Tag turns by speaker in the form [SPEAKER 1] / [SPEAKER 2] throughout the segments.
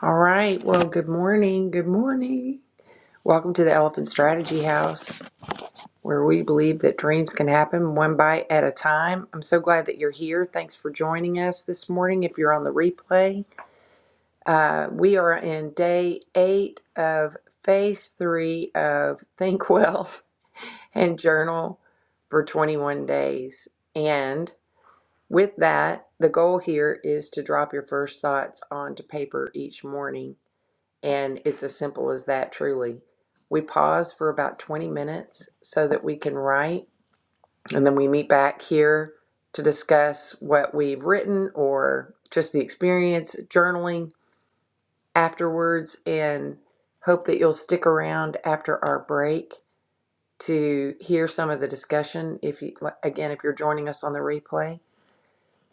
[SPEAKER 1] All right. Well, good morning. Good morning. Welcome to the Elephant Strategy House, where we believe that dreams can happen one bite at a time. I'm so glad that you're here. Thanks for joining us this morning. If you're on the replay, uh, we are in day eight of phase three of Think Well and Journal for 21 days. And with that, the goal here is to drop your first thoughts onto paper each morning. And it's as simple as that, truly. We pause for about 20 minutes so that we can write, and then we meet back here to discuss what we've written or just the experience, journaling afterwards, and hope that you'll stick around after our break to hear some of the discussion if you like, again if you're joining us on the replay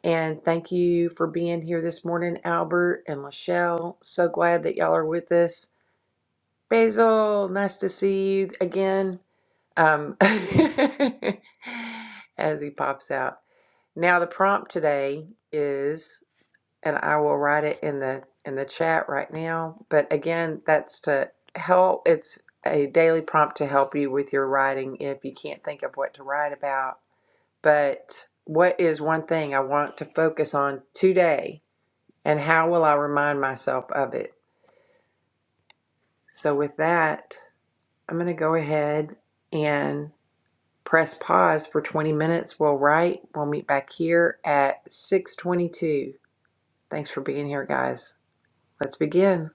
[SPEAKER 1] and thank you for being here this morning albert and lachelle so glad that y'all are with us Basil, nice to see you again. Um, as he pops out. Now the prompt today is, and I will write it in the in the chat right now. But again, that's to help. It's a daily prompt to help you with your writing if you can't think of what to write about. But what is one thing I want to focus on today, and how will I remind myself of it? So with that. I'm going to go ahead and press pause for 20 minutes. We'll write. We'll meet back here at 6:22. Thanks for being here, guys. Let's begin.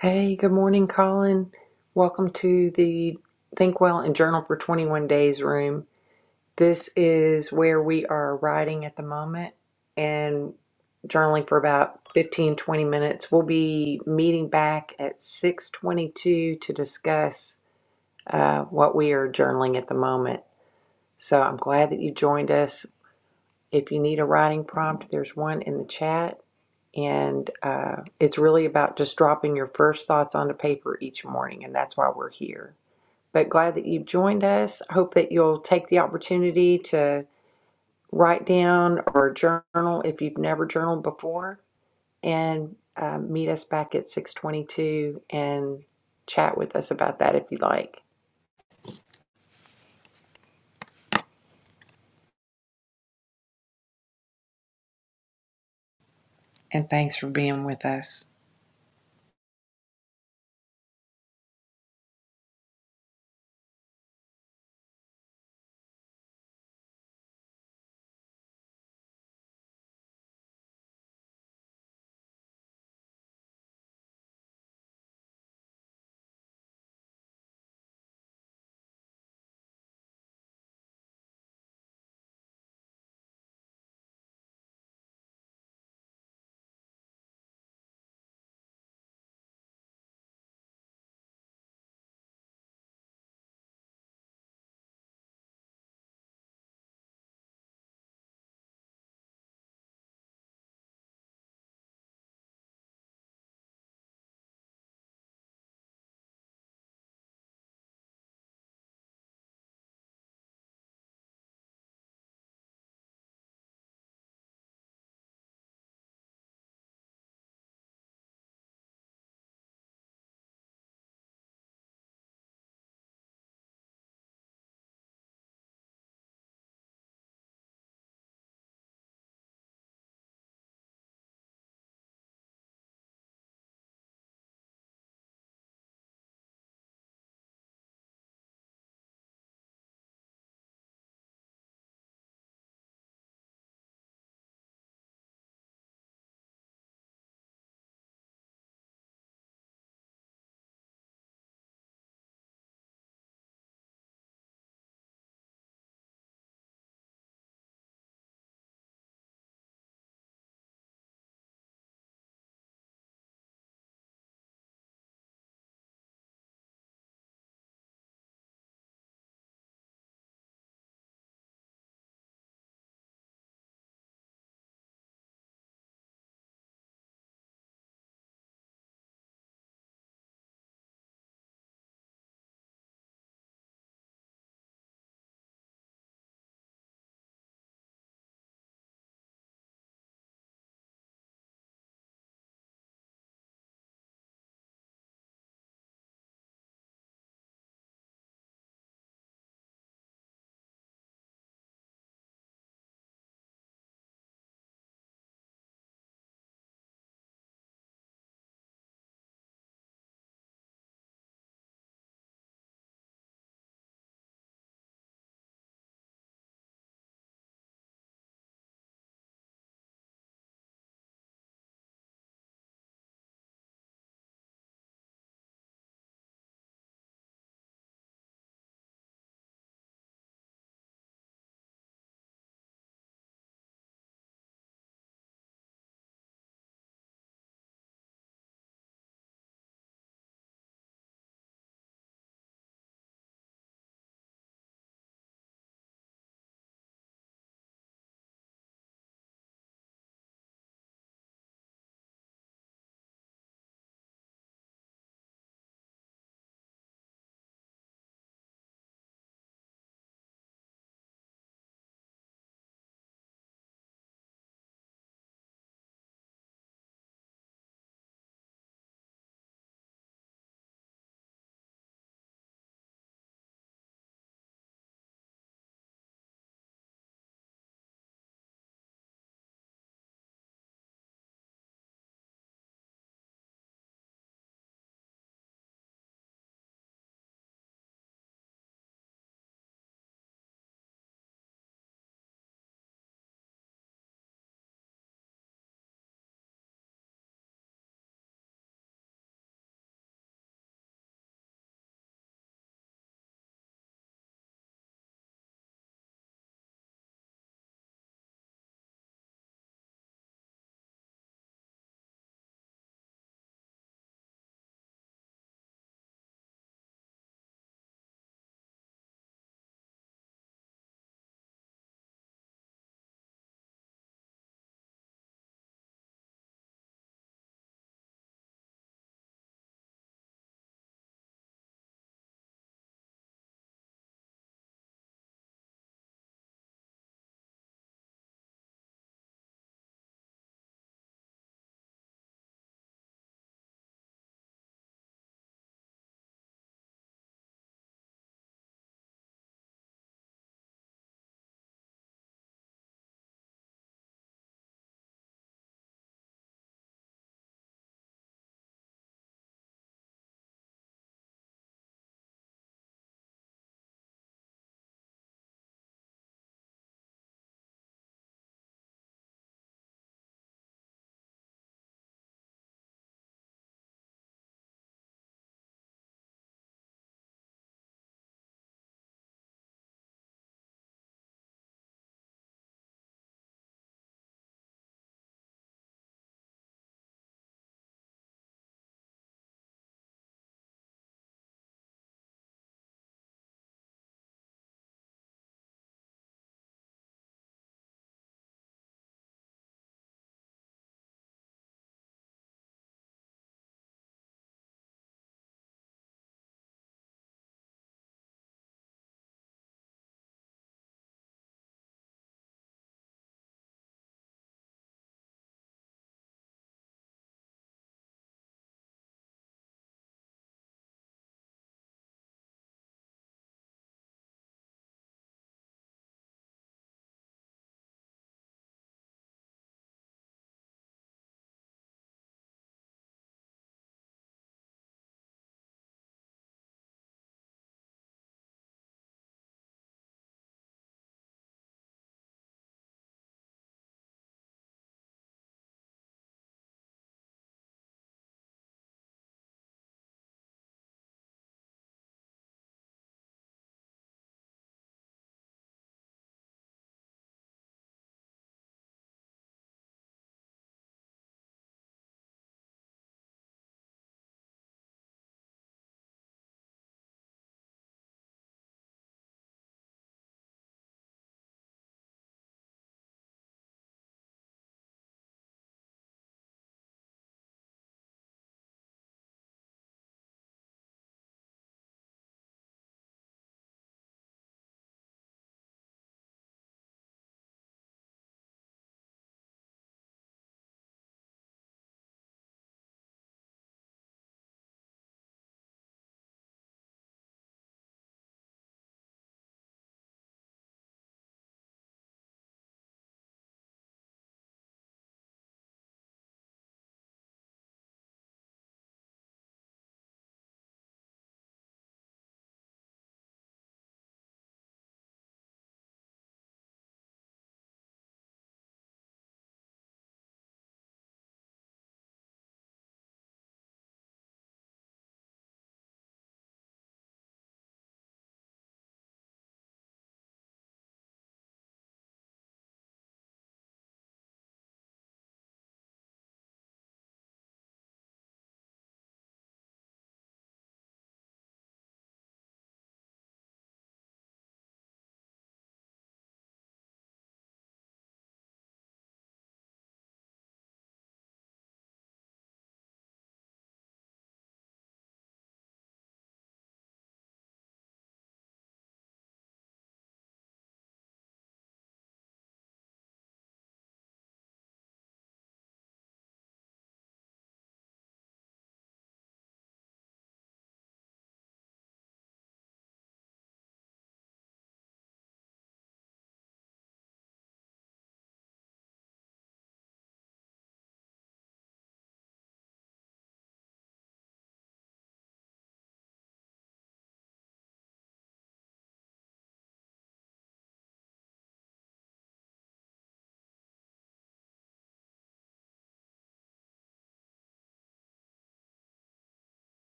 [SPEAKER 1] Hey, good morning, Colin. Welcome to the Think Well and Journal for 21 Days room. This is where we are writing at the moment and journaling for about 15 20 minutes. We'll be meeting back at 6:22 to discuss uh, what we are journaling at the moment. So I'm glad that you joined us. If you need a writing prompt, there's one in the chat. And uh, it's really about just dropping your first thoughts onto paper each morning. And that's why we're here. But glad that you've joined us. I Hope that you'll take the opportunity to write down or journal if you've never journaled before. And uh, meet us back at 622 and chat with us about that if you like. And thanks for being with us.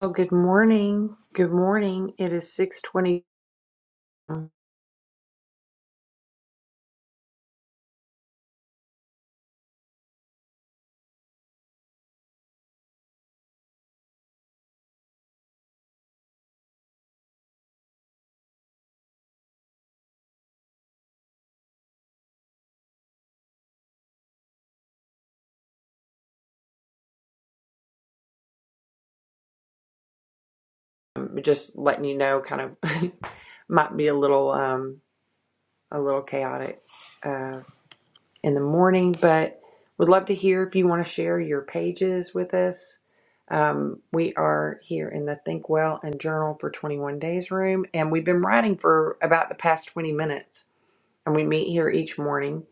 [SPEAKER 1] Oh, good morning. Good morning. It is 6:20. Um, Just letting you know kind of might be a little um a little chaotic uh in the morning, but would love to hear if you want to share your pages with us. Um, we are here in the Think Well and Journal for 21 Days room, and we've been writing for about the past 20 minutes. And we meet here each morning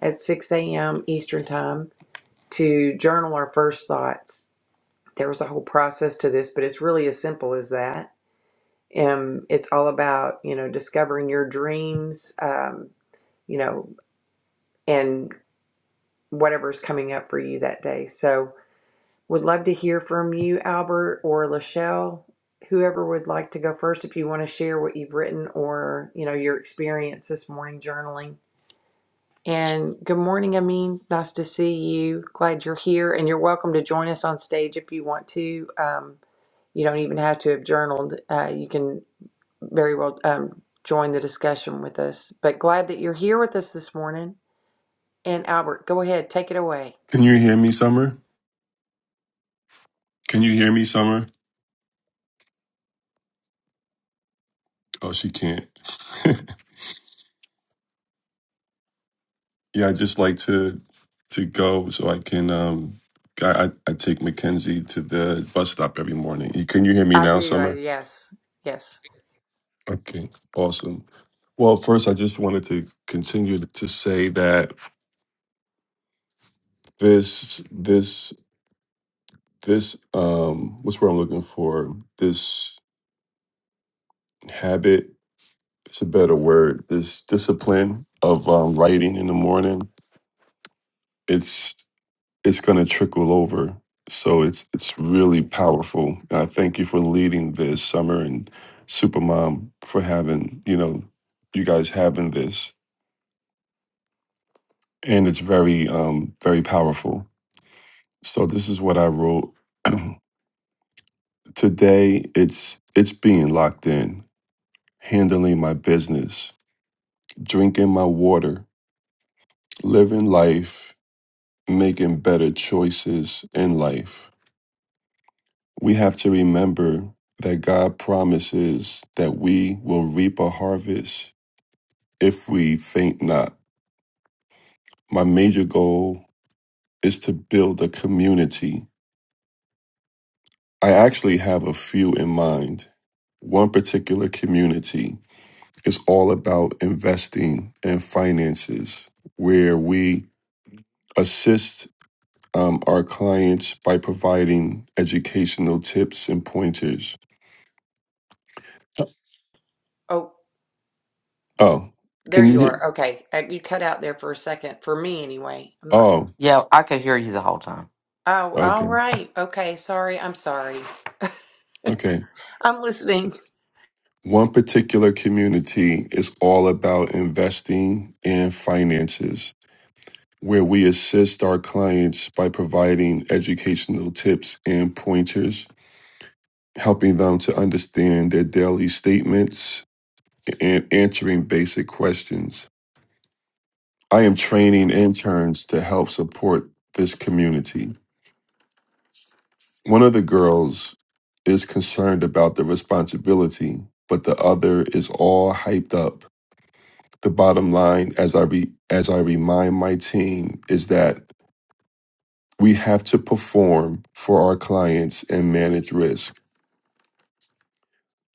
[SPEAKER 1] at 6 a.m. Eastern Time to journal our first thoughts there was a whole process to this, but it's really as simple as that. Um, it's all about you know discovering your dreams, um, you know, and whatever's coming up for you that day. So, would love to hear from you, Albert or Lachelle, whoever would like to go first. If you want to share what you've written or you know your experience this morning journaling. And good morning, Amin. Nice to see you. Glad you're here, and you're welcome to join us on stage if you want to. Um, You don't even have to have journaled. Uh, you can very well um, join the discussion with us. But glad that you're here with us this morning. And Albert, go ahead, take it away.
[SPEAKER 2] Can you hear me, Summer? Can you hear me, Summer? Oh, she can't. yeah, I just like to to go so I can. um I, I I take Mackenzie to the bus stop every morning. You- Can you hear me
[SPEAKER 1] I
[SPEAKER 2] now,
[SPEAKER 1] do. I
[SPEAKER 2] Summer?
[SPEAKER 1] yes, yes.
[SPEAKER 2] Okay, awesome. Well, first, I just wanted to continue to say that this this this um what's what I'm looking for this habit. It's a better word. This discipline of um, writing in the morning. It's it's going to trickle over. So it's it's really powerful. I thank you for leading this summer and Supermom for having you know you guys having this, and it's very um very powerful. So this is what I wrote today. It's it's being locked in, handling my business, drinking my water, living life, making better choices in life We have to remember that God promises that we will reap a harvest if we faint not. My major goal is to build a community. I actually have a few in mind. One particular community is all about investing and finances, where we assist um, our clients by providing educational tips and pointers.
[SPEAKER 1] Oh,
[SPEAKER 2] Oh,
[SPEAKER 1] there
[SPEAKER 2] can you
[SPEAKER 1] you
[SPEAKER 2] hear?
[SPEAKER 1] are. Okay, uh, you cut out there for a second. For me, anyway. I'm not.
[SPEAKER 2] Oh,
[SPEAKER 3] Yeah, I could hear you the whole time.
[SPEAKER 1] Oh, all
[SPEAKER 2] okay.
[SPEAKER 1] right. Okay. Sorry. I'm sorry.
[SPEAKER 2] Okay.
[SPEAKER 1] I'm listening.
[SPEAKER 2] One particular community is all about investing and finances, where we assist our clients by providing educational tips and pointers, helping them to understand their daily statements and answering basic questions. I am training interns to help support this community. One of the girls is concerned about the responsibility, but the other is all hyped up the bottom line as I re, as I remind my team is that we have to perform for our clients and manage risk.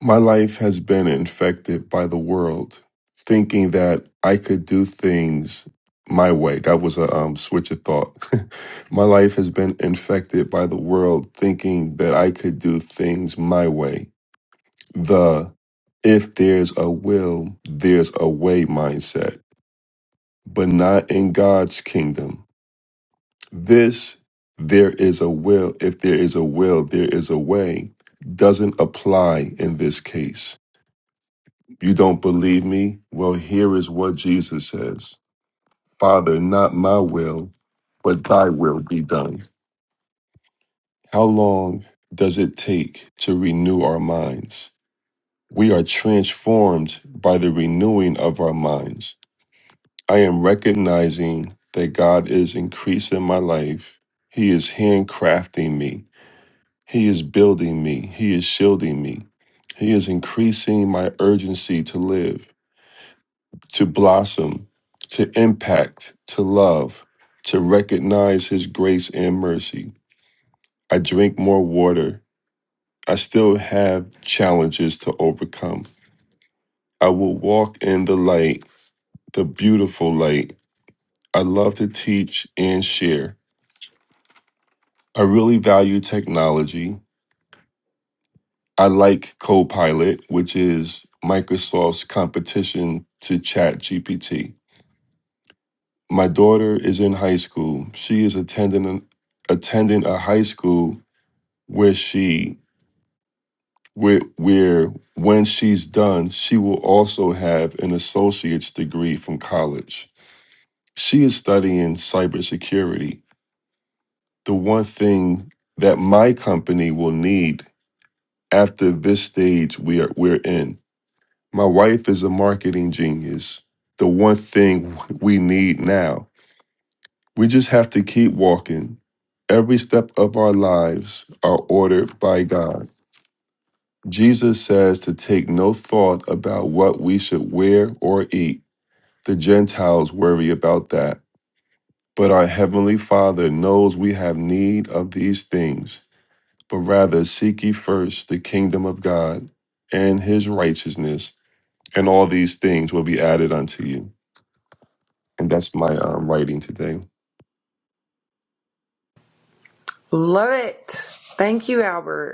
[SPEAKER 2] My life has been infected by the world thinking that I could do things my way. That was a um, switch of thought. my life has been infected by the world thinking that I could do things my way. The if there's a will, there's a way mindset, but not in God's kingdom This, there is a will, if there is a will, there is a way, doesn't apply in this case. You don't believe me? Well, here is what Jesus says Father, not my will, but thy will be done. How long does it take to renew our minds? We are transformed by the renewing of our minds. I am recognizing that God is increasing my life, He is handcrafting me. He is building me. He is shielding me. He is increasing my urgency to live, to blossom, to impact, to love, to recognize His grace and mercy. I drink more water. I still have challenges to overcome. I will walk in the light, the beautiful light. I love to teach and share. I really value technology. I like Copilot, which is Microsoft's competition to ChatGPT. My daughter is in high school. She is attending an, attending a high school where she where where when she's done, she will also have an associate's degree from college. She is studying cybersecurity. The one thing that my company will need after this stage we are we're in My wife is a marketing genius. The one thing we need now. We just have to keep walking. Every step of our lives are ordered by God. Jesus says to take no thought about what we should wear or eat. The Gentiles worry about that. But our Heavenly Father knows we have need of these things. But rather seek ye first the kingdom of God and his righteousness, and all these things will be added unto you. and that's my um, writing today.
[SPEAKER 1] Love it. Thank you, Albert.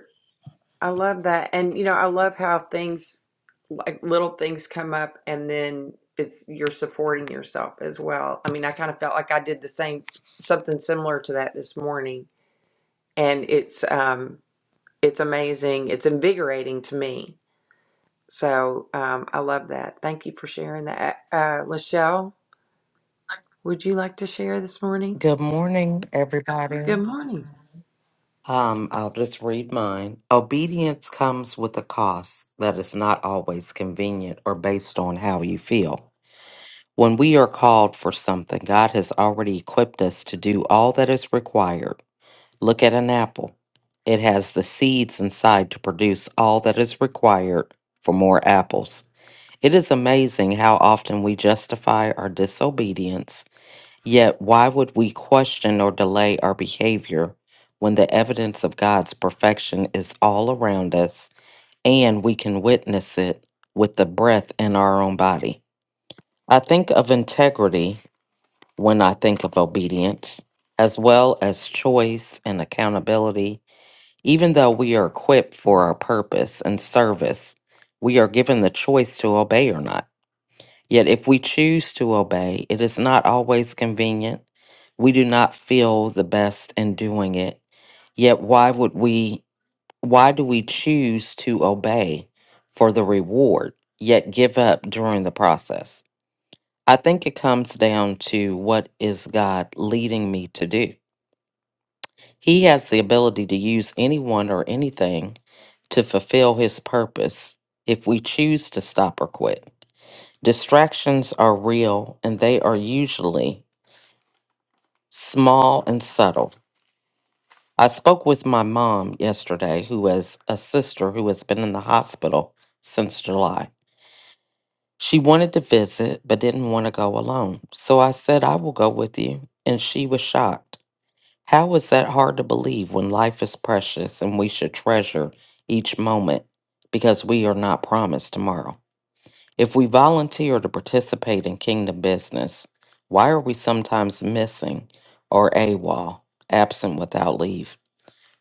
[SPEAKER 1] I love that. And you know, I love how things like little things come up and then it's you're supporting yourself as well. I mean, I kind of felt like I did the same something similar to that this morning and it's um it's amazing. It's invigorating to me. So, um I love that. Thank you for sharing that. Uh Lachelle, would you like to share this morning?
[SPEAKER 3] Good morning,
[SPEAKER 1] Good
[SPEAKER 3] everybody.
[SPEAKER 1] morning.
[SPEAKER 3] Um, I'll just read mine. Obedience comes with a cost that is not always convenient or based on how you feel. When we are called for something, God has already equipped us to do all that is required. Look at an apple. It has the seeds inside to produce all that is required for more apples. It is amazing how often we justify our disobedience Yet, why would we question or delay our behavior when the evidence of God's perfection is all around us and we can witness it with the breath in our own body? I think of integrity when I think of obedience, as well as choice and accountability. Even though we are equipped for our purpose and service, we are given the choice to obey or not. Yet, if we choose to obey, it is not always convenient. We do not feel the best in doing it. Yet, why would we? Why do we choose to obey for the reward, yet give up during the process? I think it comes down to what is God leading me to do. He has the ability to use anyone or anything to fulfill his purpose if we choose to stop or quit. Distractions are real and they are usually small and subtle. I spoke with my mom yesterday, who has a sister who has been in the hospital since July. She wanted to visit but didn't want to go alone. So I said, I will go with you. And she was shocked. How is that hard to believe when life is precious and we should treasure each moment because we are not promised tomorrow? If we volunteer to participate in kingdom business, why are we sometimes missing or AWOL, absent without leave?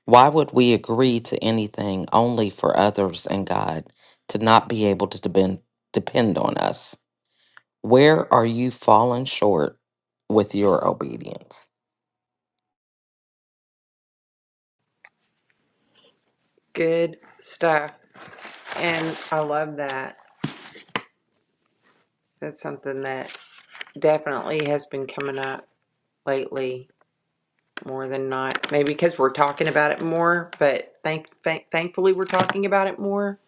[SPEAKER 3] Why would we agree to anything only for others and God to not be able to depend, depend on us? Where are you falling short with your obedience?
[SPEAKER 1] Good stuff. And I love that. That's something that definitely has been coming up. lately more than not. Maybe because we're talking about it more, but thank, thank thankfully we're talking about it more.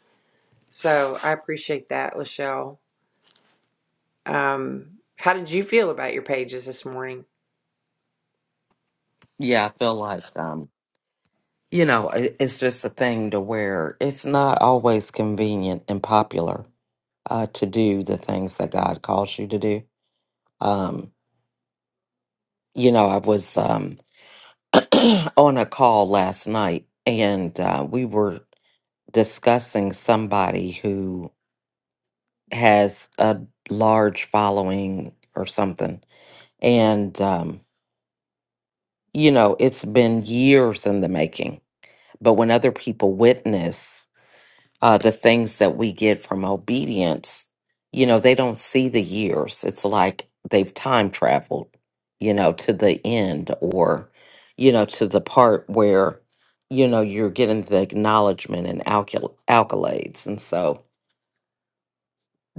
[SPEAKER 1] So I appreciate that, Lachelle. Um, how did you feel about your pages this morning?
[SPEAKER 3] Yeah, I feel like um, you know, i- it's just a thing to where it's not always convenient and popular uh, to do the things that God calls you to do. Um, you know, I was um, on a call last night and uh, we were discussing somebody who has a large following or something. And, um, you know, it's been years in the making. But when other people witness, uh, the things that we get from obedience, you know, they don't see the years. It's like they've time traveled, you know, to the end or, you know, to the part where, you know, you're getting the acknowledgement and alcul- accolades. And so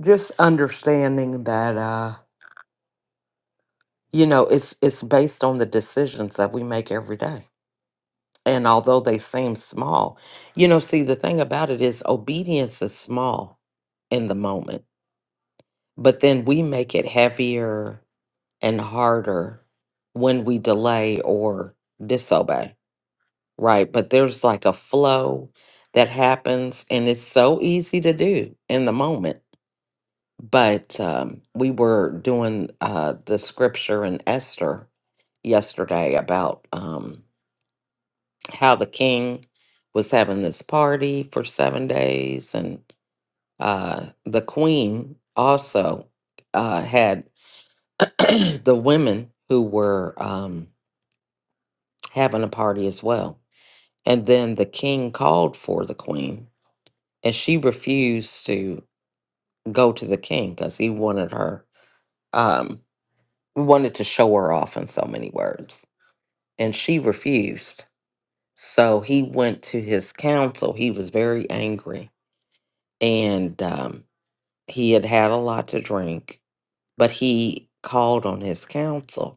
[SPEAKER 3] just understanding that, uh, you know, it's it's based on the decisions that we make every day. And although they seem small, you know, see the thing about it is obedience is small in the moment but then we make it heavier and harder when we delay or disobey, right? But there's like a flow that happens, and it's so easy to do in the moment. But um, we were doing uh, the scripture in Esther yesterday about um, how the king was having this party for seven days, and uh, the queen also. Uh, had the women who were um, having a party as well. And then the king called for the queen, and she refused to go to the king because he wanted her, um, wanted to show her off in so many words. And she refused. So he went to his council. He was very angry, and um, he had had a lot to drink, but he called on his council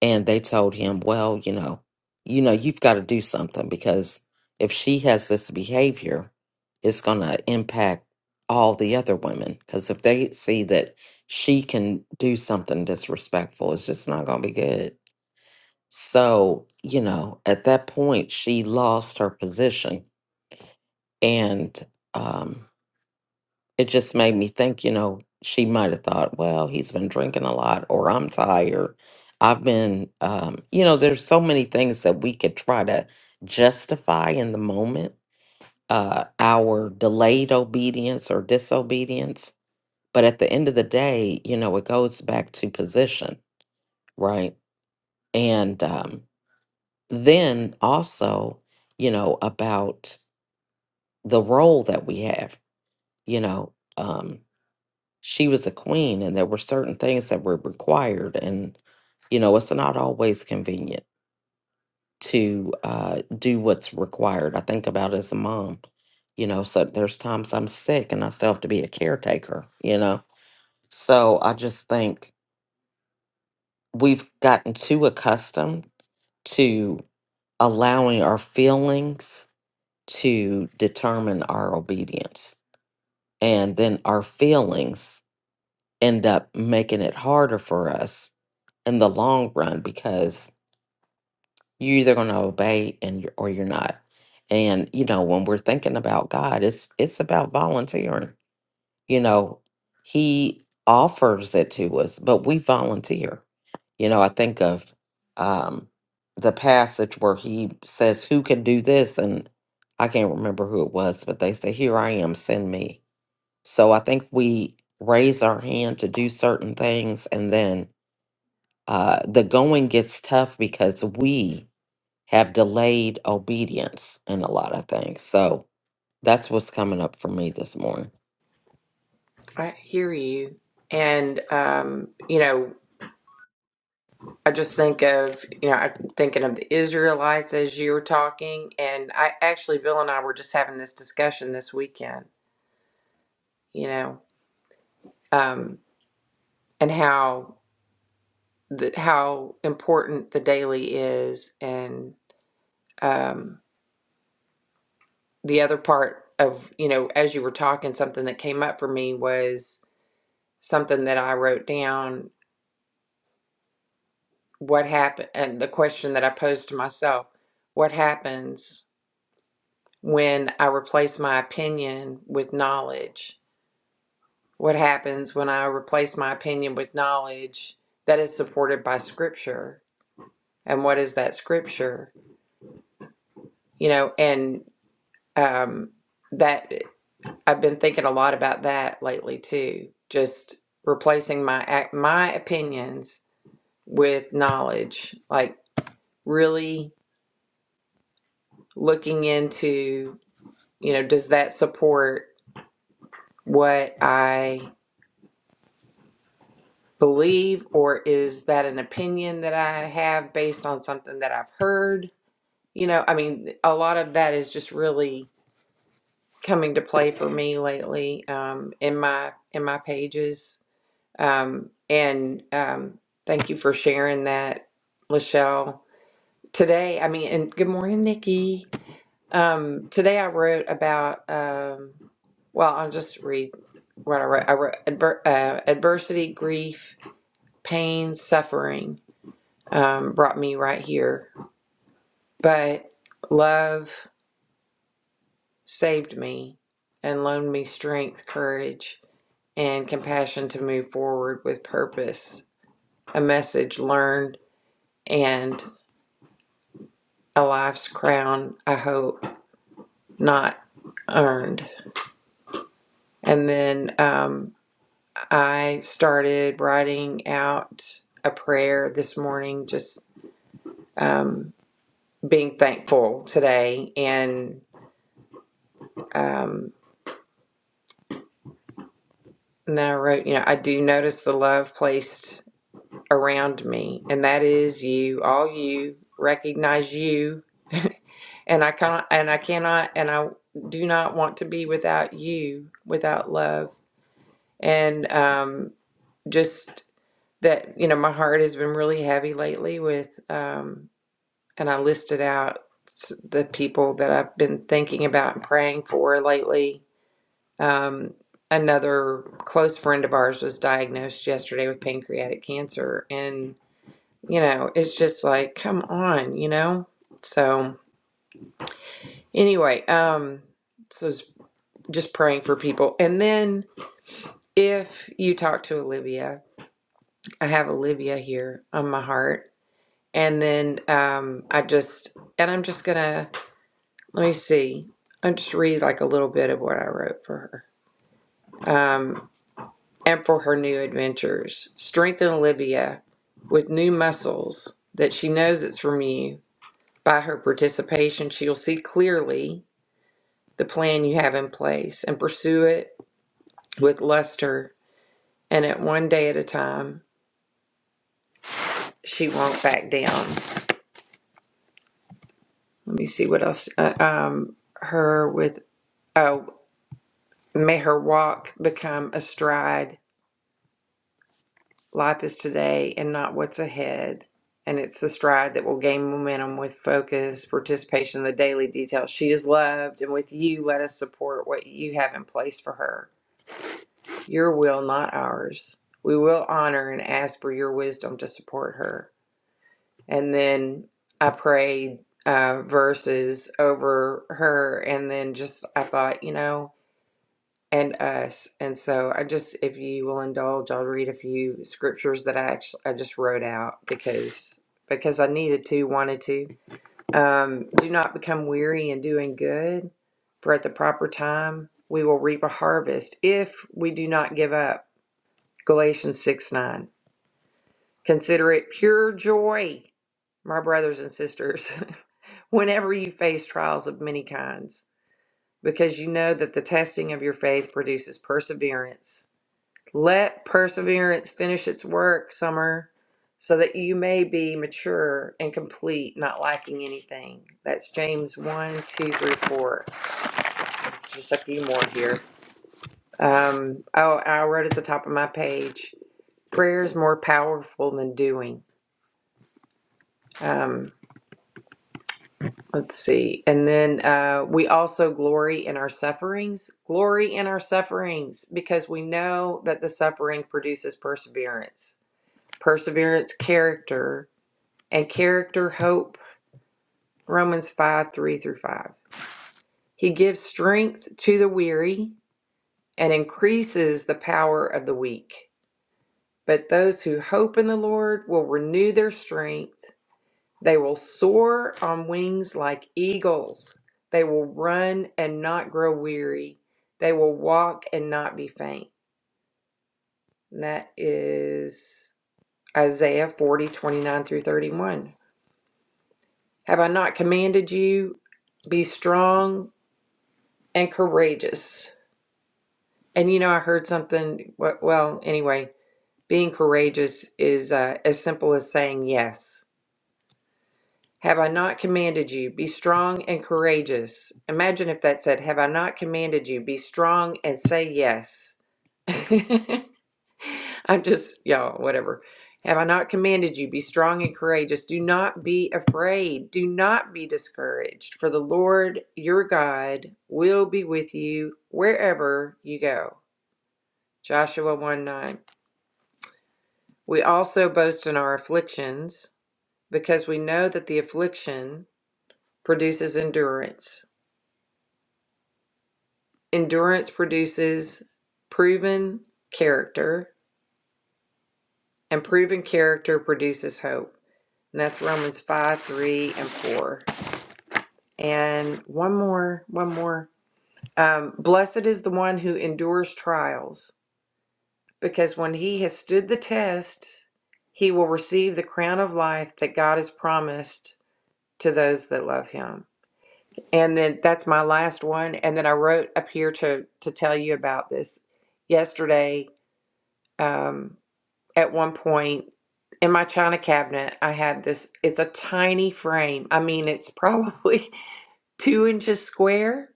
[SPEAKER 3] and they told him, "Well, you know, you know, you've got to do something because if she has this behavior, it's going to impact all the other women because if they see that she can do something disrespectful, it's just not going to be good." So, you know, at that point, she lost her position, and um, it just made me think, you know, she might have thought, well, he's been drinking a lot, or I'm tired. I've been, um, you know, there's so many things that we could try to justify in the moment, uh, our delayed obedience or disobedience. But at the end of the day, you know, it goes back to position, right? And um, then also, you know, about the role that we have, you know. Um, she was a queen and there were certain things that were required and you know it's not always convenient to uh, do what's required i think about it as a mom you know so there's times i'm sick and i still have to be a caretaker you know so i just think we've gotten too accustomed to allowing our feelings to determine our obedience and then our feelings end up making it harder for us in the long run because you're either going to obey and you're, or you're not. And you know, when we're thinking about God, it's it's about volunteering. You know, He offers it to us, but we volunteer. You know, I think of um, the passage where He says, "Who can do this?" and I can't remember who it was, but they say, "Here I am, send me." So I think we raise our hand to do certain things, and then uh, the going gets tough because we have delayed obedience in a lot of things. So that's what's coming up for me this morning.
[SPEAKER 1] I hear you, and um, you know, I just think of you know, I'm thinking of the Israelites as you were talking, and I actually Bill and I were just having this discussion this weekend. You know, um, and how. th- how important the daily is and um, the other part of you know as you were talking something that came up for me was something that i wrote down what happened and the question that i posed to myself what happens when i replace my opinion with knowledge what happens when i replace my opinion with knowledge that is supported by scripture and what is that scripture you know and um, that I've been thinking a lot about that lately too. Just replacing my my opinions with knowledge, like really looking into, you know, does that support what I believe or is that an opinion that I have based on something that I've heard? You know, I mean, a lot of that is just really coming to play for me lately um, in my in my pages Um, and um, thank you for sharing that, Lachelle. Today, I mean, and good morning, Nikki. Um, today I wrote about, um, well, I'll just read what I wrote. I wrote adver- uh, adversity, grief, pain, suffering um, brought me right here, but love saved me and loaned me strength, courage, and compassion to move forward with purpose. A message learned and a life's crown, I hope, not earned. And then um, I started writing out a prayer this morning, just um, being thankful today. And, um, and then I wrote, you know, I do notice the love placed around me, and that is you, all you, recognize you. and I can't, and I cannot, and I do not want to be without you, without love. And, um, just that you know my heart has been really heavy lately with um and I listed out the people that I've been thinking about and praying for lately. Um another close friend of ours was diagnosed yesterday with pancreatic cancer and you know it's just like come on, you know. So anyway, um so it's just praying for people. And then if you talk to Olivia, I have Olivia here on my heart And then um, I just, and I'm just gonna, let me see. I'll just read like a little bit of what I wrote for her. Um, and for her new adventures. Strengthen Olivia with new muscles that she knows it's from you. By her participation, she'll see clearly the plan you have in place and pursue it with luster and at one day at a time. She won't back down. Let me see what else. Uh, um, her with. Oh. May her walk become a stride. Life is today and not what's ahead. And it's the stride that will gain momentum with focus, participation in the daily details. She is loved, and with you, let us support what you have in place for her. Your will, not ours. We will honor and ask for your wisdom to support her. And then I prayed uh, verses over her, and then just I thought, you know, and us. And so I just, if you will indulge, I'll read a few scriptures that I actually I just wrote out because because I needed to, wanted to. Um, Do not become weary in doing good, for at the proper time we will reap a harvest if we do not give up. Galatians six nine. Consider it pure joy, my brothers and sisters, whenever you face trials of many kinds, because you know that the testing of your faith produces perseverance Let perseverance finish its work, Summer, so that you may be mature and complete, not lacking anything. That's James one, two, three, four. Just a few more here. Um, oh, I wrote at the top of my page prayer is more powerful than doing. Um, let's see. And then uh, we also glory in our sufferings. Glory in our sufferings because we know that the suffering produces perseverance. Perseverance, character, and character, hope. Romans 5 3 through 5. He gives strength to the weary and increases the power of the weak. But those who hope in the Lord will renew their strength. They will soar on wings like eagles. They will run and not grow weary. They will walk and not be faint. And that is Isaiah 40 29 through 31. Have I not commanded you? Be strong and courageous. And you know, I heard something. Well, anyway, being courageous is uh, as simple as saying yes. Have I not commanded you, be strong and courageous? Imagine if that said, Have I not commanded you, be strong and say yes? I'm just, y'all, whatever. Have I not commanded you, be strong and courageous? Do not be afraid. Do not be discouraged, for the Lord your God will be with you wherever you go. Joshua 1 9. We also boast in our afflictions because we know that the affliction produces endurance. Endurance produces proven character, and proven character produces hope. And that's Romans 5 3 and 4. And one more, one more. Um, Blessed is the one who endures trials because when he has stood the test, he will receive the crown of life that God has promised to those that love him. And then that's my last one. And then I wrote up here to to tell you about this yesterday. Um, at one point in my china cabinet, I had this. It's a tiny frame. I mean, it's probably two inches square,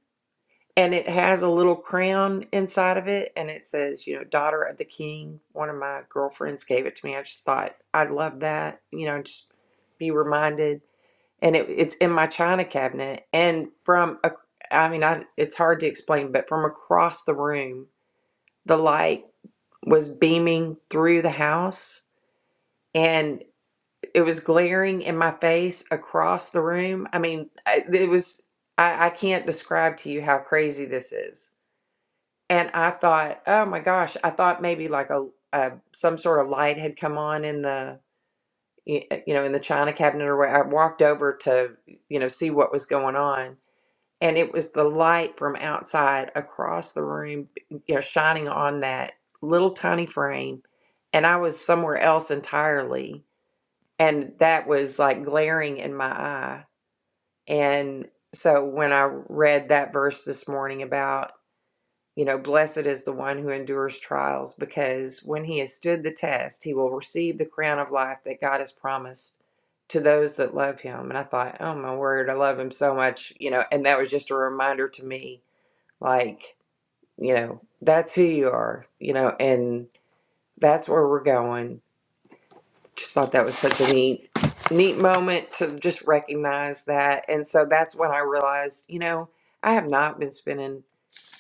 [SPEAKER 1] and it has a little crown inside of it, and it says, you know, daughter of the king. One of my girlfriends gave it to me. I just thought I'd love that. You know, just be reminded and it, it's in my china cabinet and from a, i mean I, it's hard to explain but from across the room the light was beaming through the house and it was glaring in my face across the room i mean I- it was I, I can't describe to you how crazy this is and i thought oh my gosh i thought maybe like a, a some sort of light had come on in the y- you know in the china cabinet or where i walked over to you know see what was going on and it was the light from outside across the room you know shining on that little tiny frame and i was somewhere else entirely and that was like glaring in my eye and so when i read that verse this morning about you know blessed is the one who endures trials because when he has stood the test he will receive the crown of life that god has promised to those that love him and i thought oh my word i love him so much you know and that was just a reminder to me like, you know, that's who you are, you know, and that's where we're going. Just thought that was such a neat, neat moment to just recognize that. And so that's when I realized, you know, I have not been spending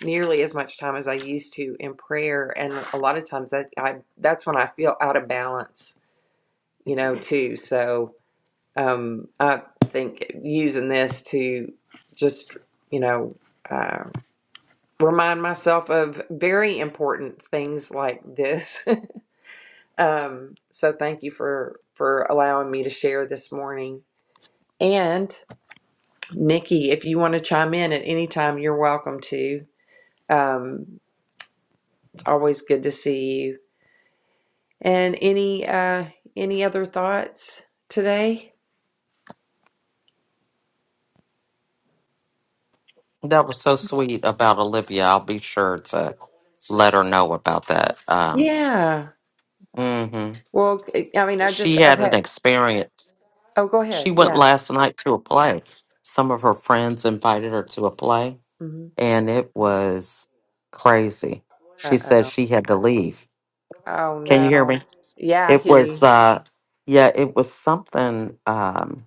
[SPEAKER 1] nearly as much time as I used to in prayer. And a lot of times that I, that's when I feel out of balance, you know, too. So, um, I think using this to just, you know, uh, remind myself of very important things like this. um, so thank you for for allowing me to share this morning. And Nikki, if you want to chime in at any time, you're welcome to. Um, it's always good to see you. And any uh, any other thoughts today?
[SPEAKER 3] That was so sweet about Olivia. I'll be sure to let her know about that. Um,
[SPEAKER 1] Yeah.
[SPEAKER 3] hmm
[SPEAKER 1] Well, I mean, I just
[SPEAKER 3] She
[SPEAKER 1] I've
[SPEAKER 3] had an
[SPEAKER 1] had.
[SPEAKER 3] experience.
[SPEAKER 1] Oh, go ahead.
[SPEAKER 3] She went
[SPEAKER 1] Yeah.
[SPEAKER 3] last night to a play. Some of her friends invited her to a play,
[SPEAKER 1] hmm
[SPEAKER 3] and it was crazy. She
[SPEAKER 1] Uh
[SPEAKER 3] said
[SPEAKER 1] oh.
[SPEAKER 3] she had to leave.
[SPEAKER 1] Oh
[SPEAKER 3] Can you hear
[SPEAKER 1] no.
[SPEAKER 3] me?
[SPEAKER 1] Yeah, I
[SPEAKER 3] It
[SPEAKER 1] hear
[SPEAKER 3] was
[SPEAKER 1] you.
[SPEAKER 3] uh yeah, it was something um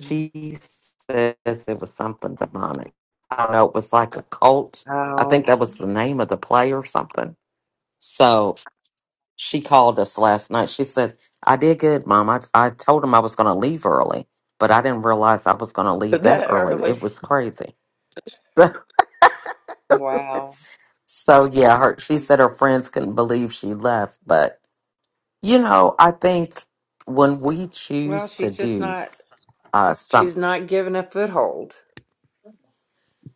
[SPEAKER 1] Mm.
[SPEAKER 3] says it was something demonic. I don't know, it was like a cult. I
[SPEAKER 1] Oh,
[SPEAKER 3] think that was the name of the play or something. So she called us last night. She said, I did good, Mom. I, I told him I was gonna leave early, but I didn't realize I was gonna leave that
[SPEAKER 1] that
[SPEAKER 3] early.
[SPEAKER 1] early.
[SPEAKER 3] It was crazy.
[SPEAKER 1] Wow.
[SPEAKER 3] So yeah, her she said her friends couldn't believe she left, but you know, I think when we
[SPEAKER 1] Well,
[SPEAKER 3] choose to
[SPEAKER 1] she's just
[SPEAKER 3] do
[SPEAKER 1] not,
[SPEAKER 3] uh some
[SPEAKER 1] she's not given a foothold.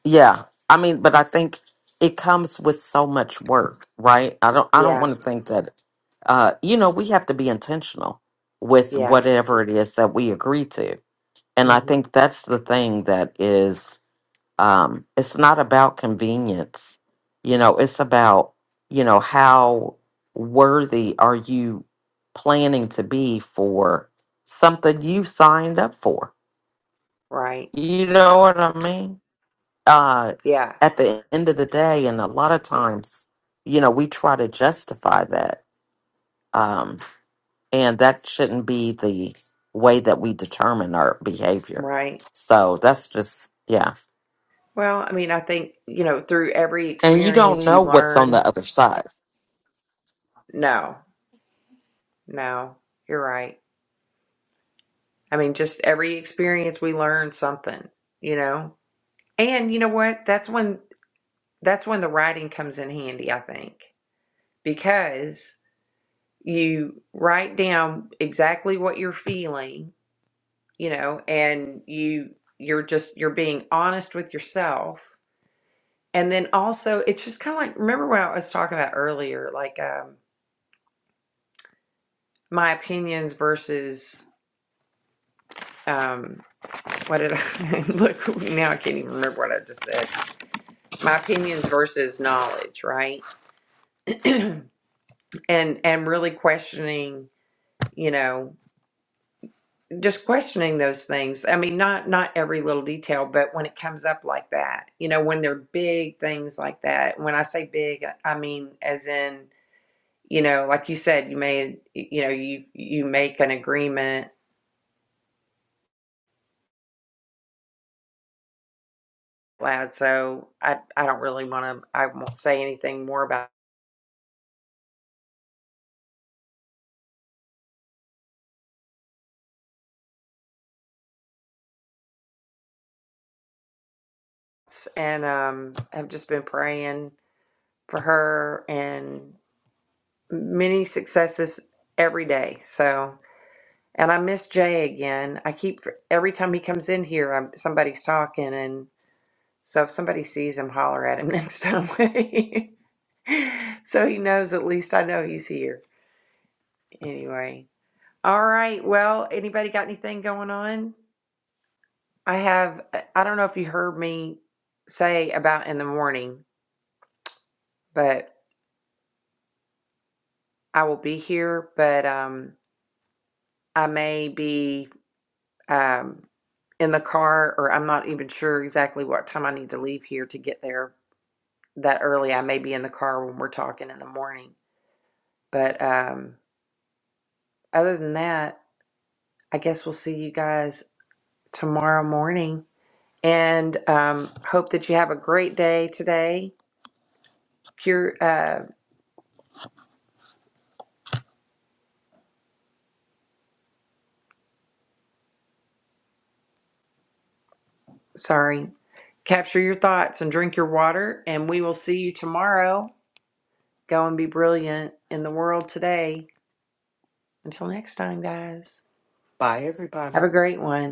[SPEAKER 3] yeah, I mean, but I think it comes with so much work, right? I don't I don't
[SPEAKER 1] Yeah.
[SPEAKER 3] want to think that uh you know, we have to be intentional with
[SPEAKER 1] Yeah.
[SPEAKER 3] whatever it is that we agree to. And I
[SPEAKER 1] hmm
[SPEAKER 3] think that's the thing that is um, it's not about convenience. You know, it's about, you know, how worthy are you planning to be for something you signed up for?
[SPEAKER 1] Right.
[SPEAKER 3] You know what I mean? Uh,
[SPEAKER 1] Yeah.
[SPEAKER 3] at the end of the day, and a lot of times, you know, we try to justify that. Um, and that shouldn't be the way that we determine our behavior.
[SPEAKER 1] Right.
[SPEAKER 3] So that's just, yeah.
[SPEAKER 1] Well, I mean, I think, you know, through every
[SPEAKER 3] And you don't
[SPEAKER 1] experience you
[SPEAKER 3] know what's on
[SPEAKER 1] learn.
[SPEAKER 3] the other side
[SPEAKER 1] No, no, you're right. I mean, just every experience we learn something, you know? And you know what? That's when, that's when the writing comes in handy, I think, because you write down exactly what you're feeling you know and you you're just you're being honest with yourself and then also it's just kind of like remember what i was talking about earlier like um my opinions versus um what did i look now i can't even remember what i just said my opinions versus knowledge right and and really questioning you know just questioning those things i mean not not every little detail but when it comes up like that you know when they're big things like that when i say big i mean as in you know like you said you made you know you you make an agreement lad so i i don't really want to i won't say anything more about this. and um i've just been praying for her and many successes every day so And I miss Jay again. I keep every time he comes in here, I'm, somebody's talking, and so if somebody sees him, holler at him next time. so he knows at least I know he's here. Anyway, all right. Well, anybody got anything going on? I have. uh, I don't know if you heard me say about in the morning, but I will be here. But um, I may be um in the car, or I'm not even sure exactly what time I need to leave here to get there that early. I may be in the car when we're talking in the morning. But um, other than that, I guess we'll see you guys tomorrow morning. And um, hope that you have a great day today. Cure, uh, sorry, capture your thoughts and drink your water. And we will see you tomorrow. Go and be brilliant in the world today. Until next time, guys,
[SPEAKER 3] Bye, everybody.
[SPEAKER 1] have a great one.